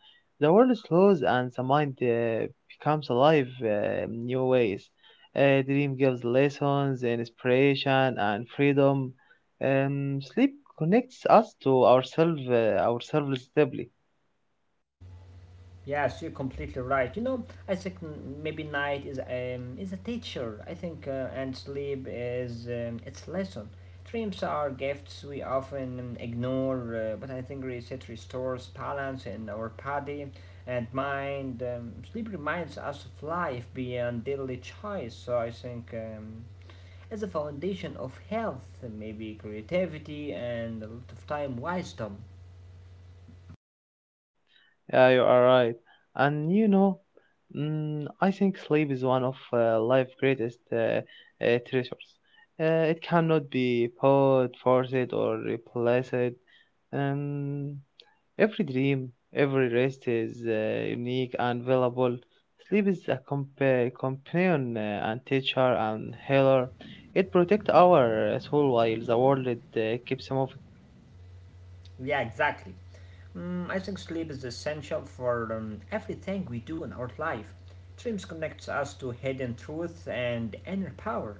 [SPEAKER 1] The world slows and the mind becomes alive in new ways. Dream gives lessons, inspiration, and freedom. Sleep connects us to ourselves, ourselves deeply.
[SPEAKER 2] Yes, you're completely right. You know, I think maybe night is a teacher. I think and sleep is its lesson. Dreams are gifts we often ignore, but I think reset restores balance in our body and mind. Sleep reminds us of life beyond daily choice. So I think it's a foundation of health, maybe creativity, and a lot of time wisdom.
[SPEAKER 1] Yeah, you are right. And you know, mm, I think sleep is one of life's greatest treasures. It cannot be bought, forced, or replaced. Um, every dream, every rest is unique and valuable. Sleep is a companion and teacher and healer. It protects our soul while the world keeps moving.
[SPEAKER 2] Yeah, exactly. I think sleep is essential for everything we do in our life. Dreams connects us to hidden truth and inner power.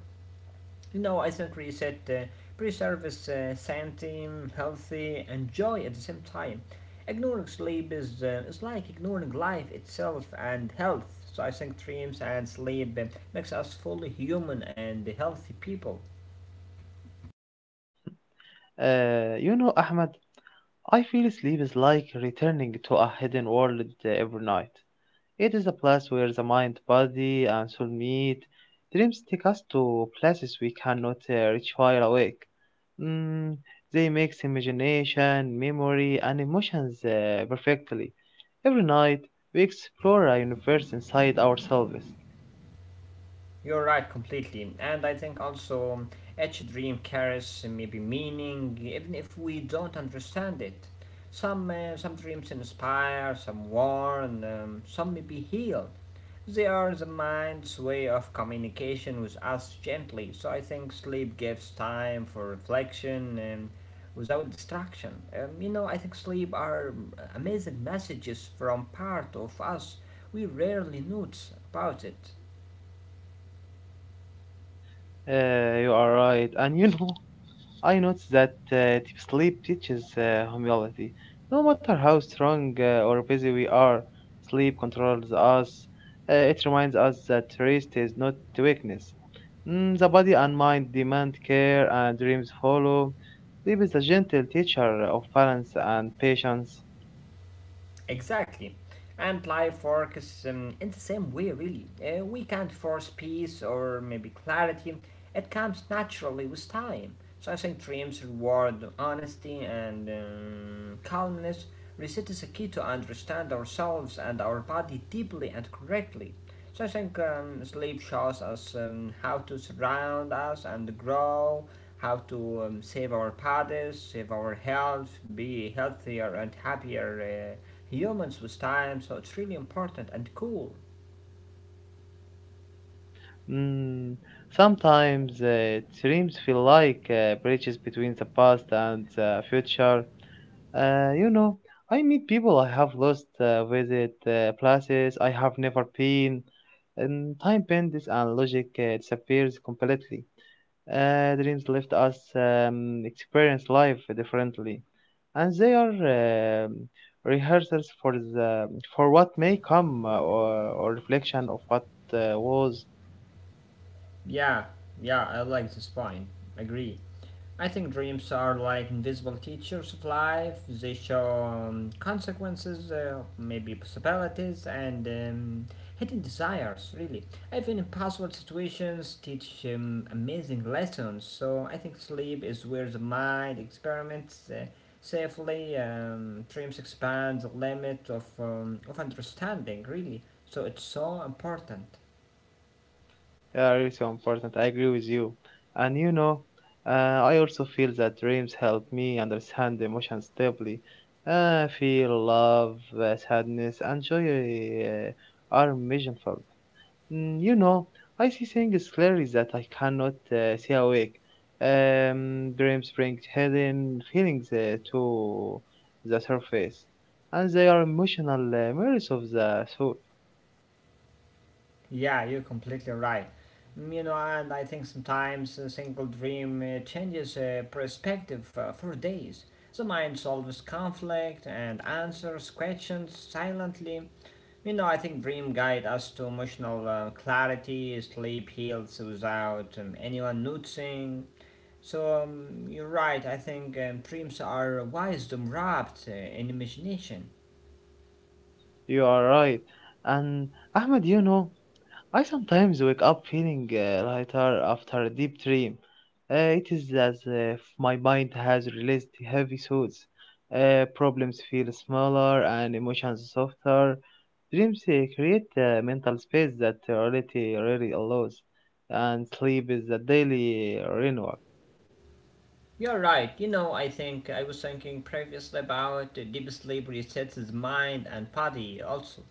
[SPEAKER 2] You know, I think reset preserves sanity, healthy, and joy at the same time. Ignoring sleep is like ignoring life itself and health. So I think dreams and sleep makes us fully human and healthy people.
[SPEAKER 1] You know, Ahmed, I feel sleep is like returning to a hidden world every night. It is a place where the mind, body, and soul meet. Dreams take us to places we cannot reach while awake. Mm, they mix imagination, memory, and emotions perfectly. Every night, we explore a universe inside ourselves.
[SPEAKER 2] You're right completely, and I think also each dream carries maybe meaning, even if we don't understand it. Some dreams inspire, some warn, some maybe heal. They are the mind's way of communication with us gently. So I think sleep gives time for reflection and without distraction. You know, I think sleep are amazing messages from part of us we rarely notice about it.
[SPEAKER 1] You are right, and you know I noticed that deep sleep teaches humility. No matter how strong or busy we are, sleep controls us. It reminds us that rest is not weakness. Mm, the body and mind demand care, and dreams follow. Sleep is a gentle teacher of balance and patience.
[SPEAKER 2] Exactly. And life works in the same way, really. We can't force peace or maybe clarity. It comes naturally with time. So I think dreams reward honesty and calmness. Reset is a key to understand ourselves and our body deeply and correctly. So I think sleep shows us how to surround us and grow, how to save our bodies, save our health, be healthier and happier humans with time, so it's really important and cool.
[SPEAKER 1] Mm, sometimes dreams feel like bridges between the past and the future. You know, I meet people I have lost, visit places I have never been, and time bends and logic disappears completely. Dreams left us experience life differently, and they are rehearsals for the for what may come or reflection of what was.
[SPEAKER 2] Yeah, yeah, I like this point. Agree. I think dreams are like invisible teachers of life. They show consequences, maybe possibilities, and hidden desires, really. Even impossible situations teach amazing lessons. So I think sleep is where the mind experiments safely. Dreams expand the limit of, of understanding, really. So it's so important.
[SPEAKER 1] Yeah, really so important. I agree with you. And you know, uh, I also feel that dreams help me understand emotions deeply. Feel love, sadness, and joy uh, are measurable. Mm, you know, I see things clearly that I cannot see awake. Dreams bring hidden feelings to the surface, and they are emotional mirrors of the soul.
[SPEAKER 2] Yeah, you're completely right. You know, and I think sometimes a single dream changes perspective for days. The mind solves conflict and answers questions silently. You know, I think dream guide us to emotional clarity, sleep heals without anyone noticing. So you're right. I think dreams are wisdom wrapped in imagination.
[SPEAKER 1] You are right. And Ahmed, you know, I sometimes wake up feeling lighter after a deep dream. It is as if my mind has released heavy thoughts. Problems feel smaller and emotions softer. Dreams create a mental space that reality rarely allows, and sleep is a daily renewal.
[SPEAKER 2] You're right. You know, I think I was thinking previously about deep sleep resets his mind and body also.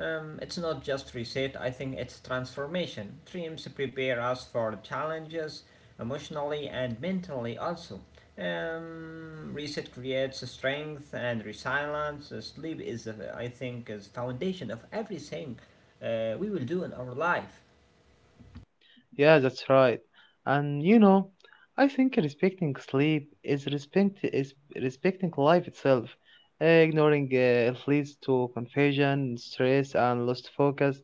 [SPEAKER 2] It's not just reset, I think it's transformation. Dreams prepare us for challenges emotionally and mentally also. Reset creates strength and resilience. Sleep is, I think, is foundation of everything we will do in our life.
[SPEAKER 1] Yeah, that's right. And you know, I think respecting sleep is respecting life itself. Eh, ignoring it leads to confusion, stress, and lost focus.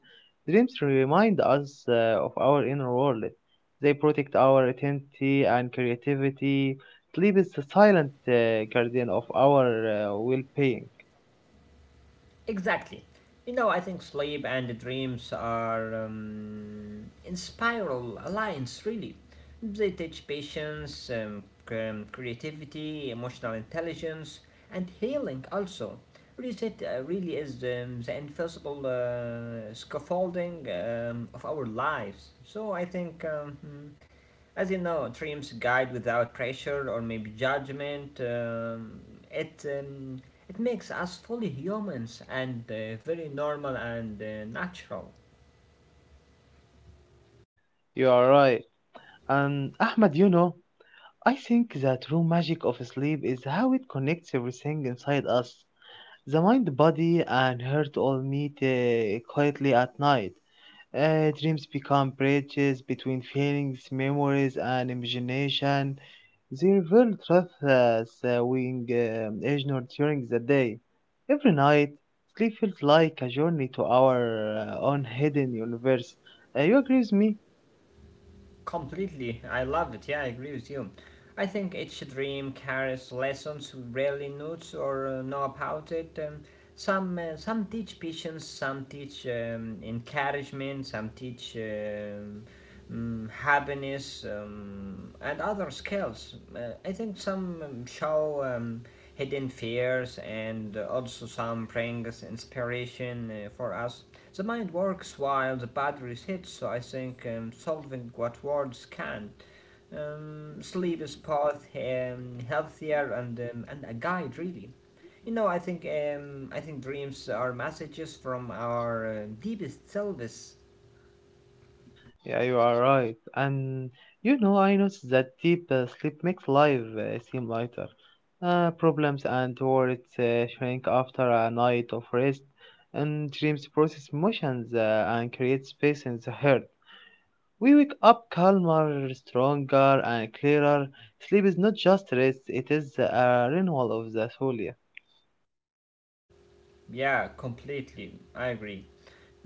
[SPEAKER 1] Dreams remind us of our inner world. They protect our identity and creativity. Sleep is the silent guardian of our well-being.
[SPEAKER 2] Exactly. You know, I think sleep and dreams are in spiral alliance, really. They teach patience, creativity, emotional intelligence, and healing also. Reset really is the invisible scaffolding of our lives. So I think as you know, dreams guide without pressure or maybe judgment. It um, it makes us fully humans and very normal and natural.
[SPEAKER 1] You are right. And Ahmed, you know, I think the true magic of sleep is how it connects everything inside us. The mind, body, and heart all meet quietly at night. Dreams become bridges between feelings, memories, and imagination. They reveal truths we ignore during the day. Every night, sleep feels like a journey to our own hidden universe. You agree with me?
[SPEAKER 2] Completely, I love it. Yeah, I agree with you. I think each dream carries lessons we rarely note or know about it. Some teach patience, some teach encouragement, some teach happiness, and other skills. I think some show hidden fears, and also some brings inspiration for us. The mind works while the body resists, so I think, solving what words can't. Sleep is both healthier and a guide, really. You know, I think dreams are messages from our deepest selves.
[SPEAKER 1] Yeah, you are right. And you know, I noticed that deep sleep makes life seem lighter. Problems and worries shrink after a night of rest, and dreams process emotions and create space in the heart. We wake up calmer, stronger, and clearer. Sleep is not just rest; it is a renewal of the soul. Yeah.
[SPEAKER 2] Yeah, completely. I agree.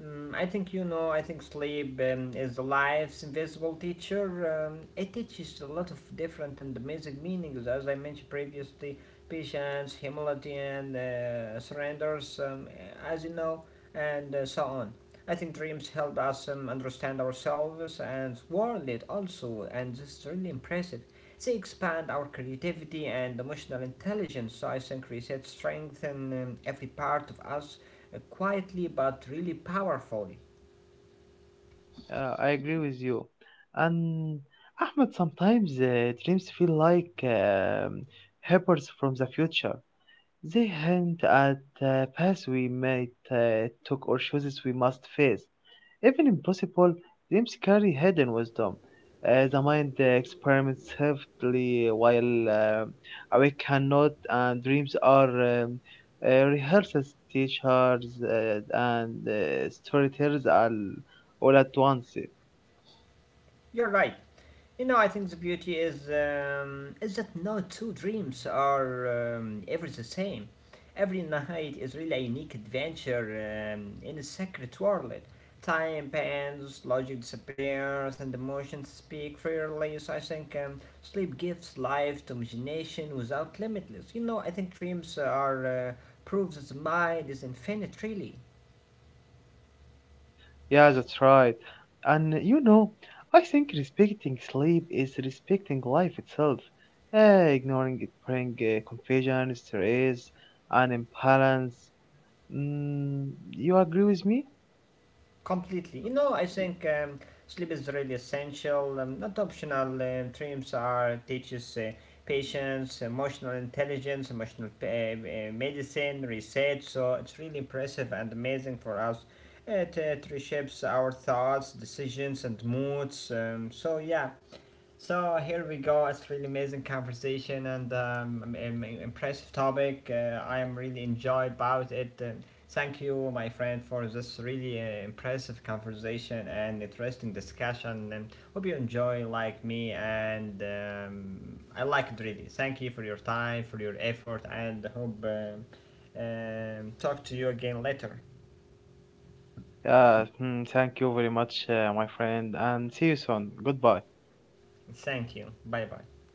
[SPEAKER 2] Mm, I think you know, I think sleep is life's invisible teacher. It teaches a lot of different and amazing meanings, as I mentioned previously patience, humility, and surrenders, as you know, and so on. I think dreams help us understand ourselves and world also, and this is really impressive. They expand our creativity and emotional intelligence. So I think reset strengthen every part of us quietly but really powerfully.
[SPEAKER 1] I agree with you. And Ahmed, sometimes dreams feel like helpers from the future. They hint at the paths we might took or choices we must face. Even impossible, dreams carry hidden wisdom. The mind experiments heavily while awake cannot, and dreams are um, rehearsals, teachers, and storytellers all at once.
[SPEAKER 2] You're right. You know, I think the beauty is that no two dreams are ever the same. Every night is really a unique adventure in a secret world. Time bends, logic disappears, and emotions speak freely. So I think sleep gives life to imagination without limitless. You know, I think dreams are proof that the mind is infinite, really.
[SPEAKER 1] Yeah, that's right. And you know, I think respecting sleep is respecting life itself. Ignoring it brings confusion, stress, and imbalance. Mm, you agree with me?
[SPEAKER 2] Completely. You know, I think sleep is really essential, not optional. Dreams are teaches patience, emotional intelligence, emotional medicine, research. So it's really impressive and amazing for us. It reshapes our thoughts, decisions, and moods. So yeah, so here we go. It's really amazing conversation and impressive topic. I am really enjoyed about it. Thank you, my friend, for this really impressive conversation and interesting discussion. Hope you enjoy like me and I like it really. Thank you for your time, for your effort, and hope talk to you again later.
[SPEAKER 1] Thank you very much, my friend, and see you soon. Goodbye.
[SPEAKER 2] Thank you. Bye bye.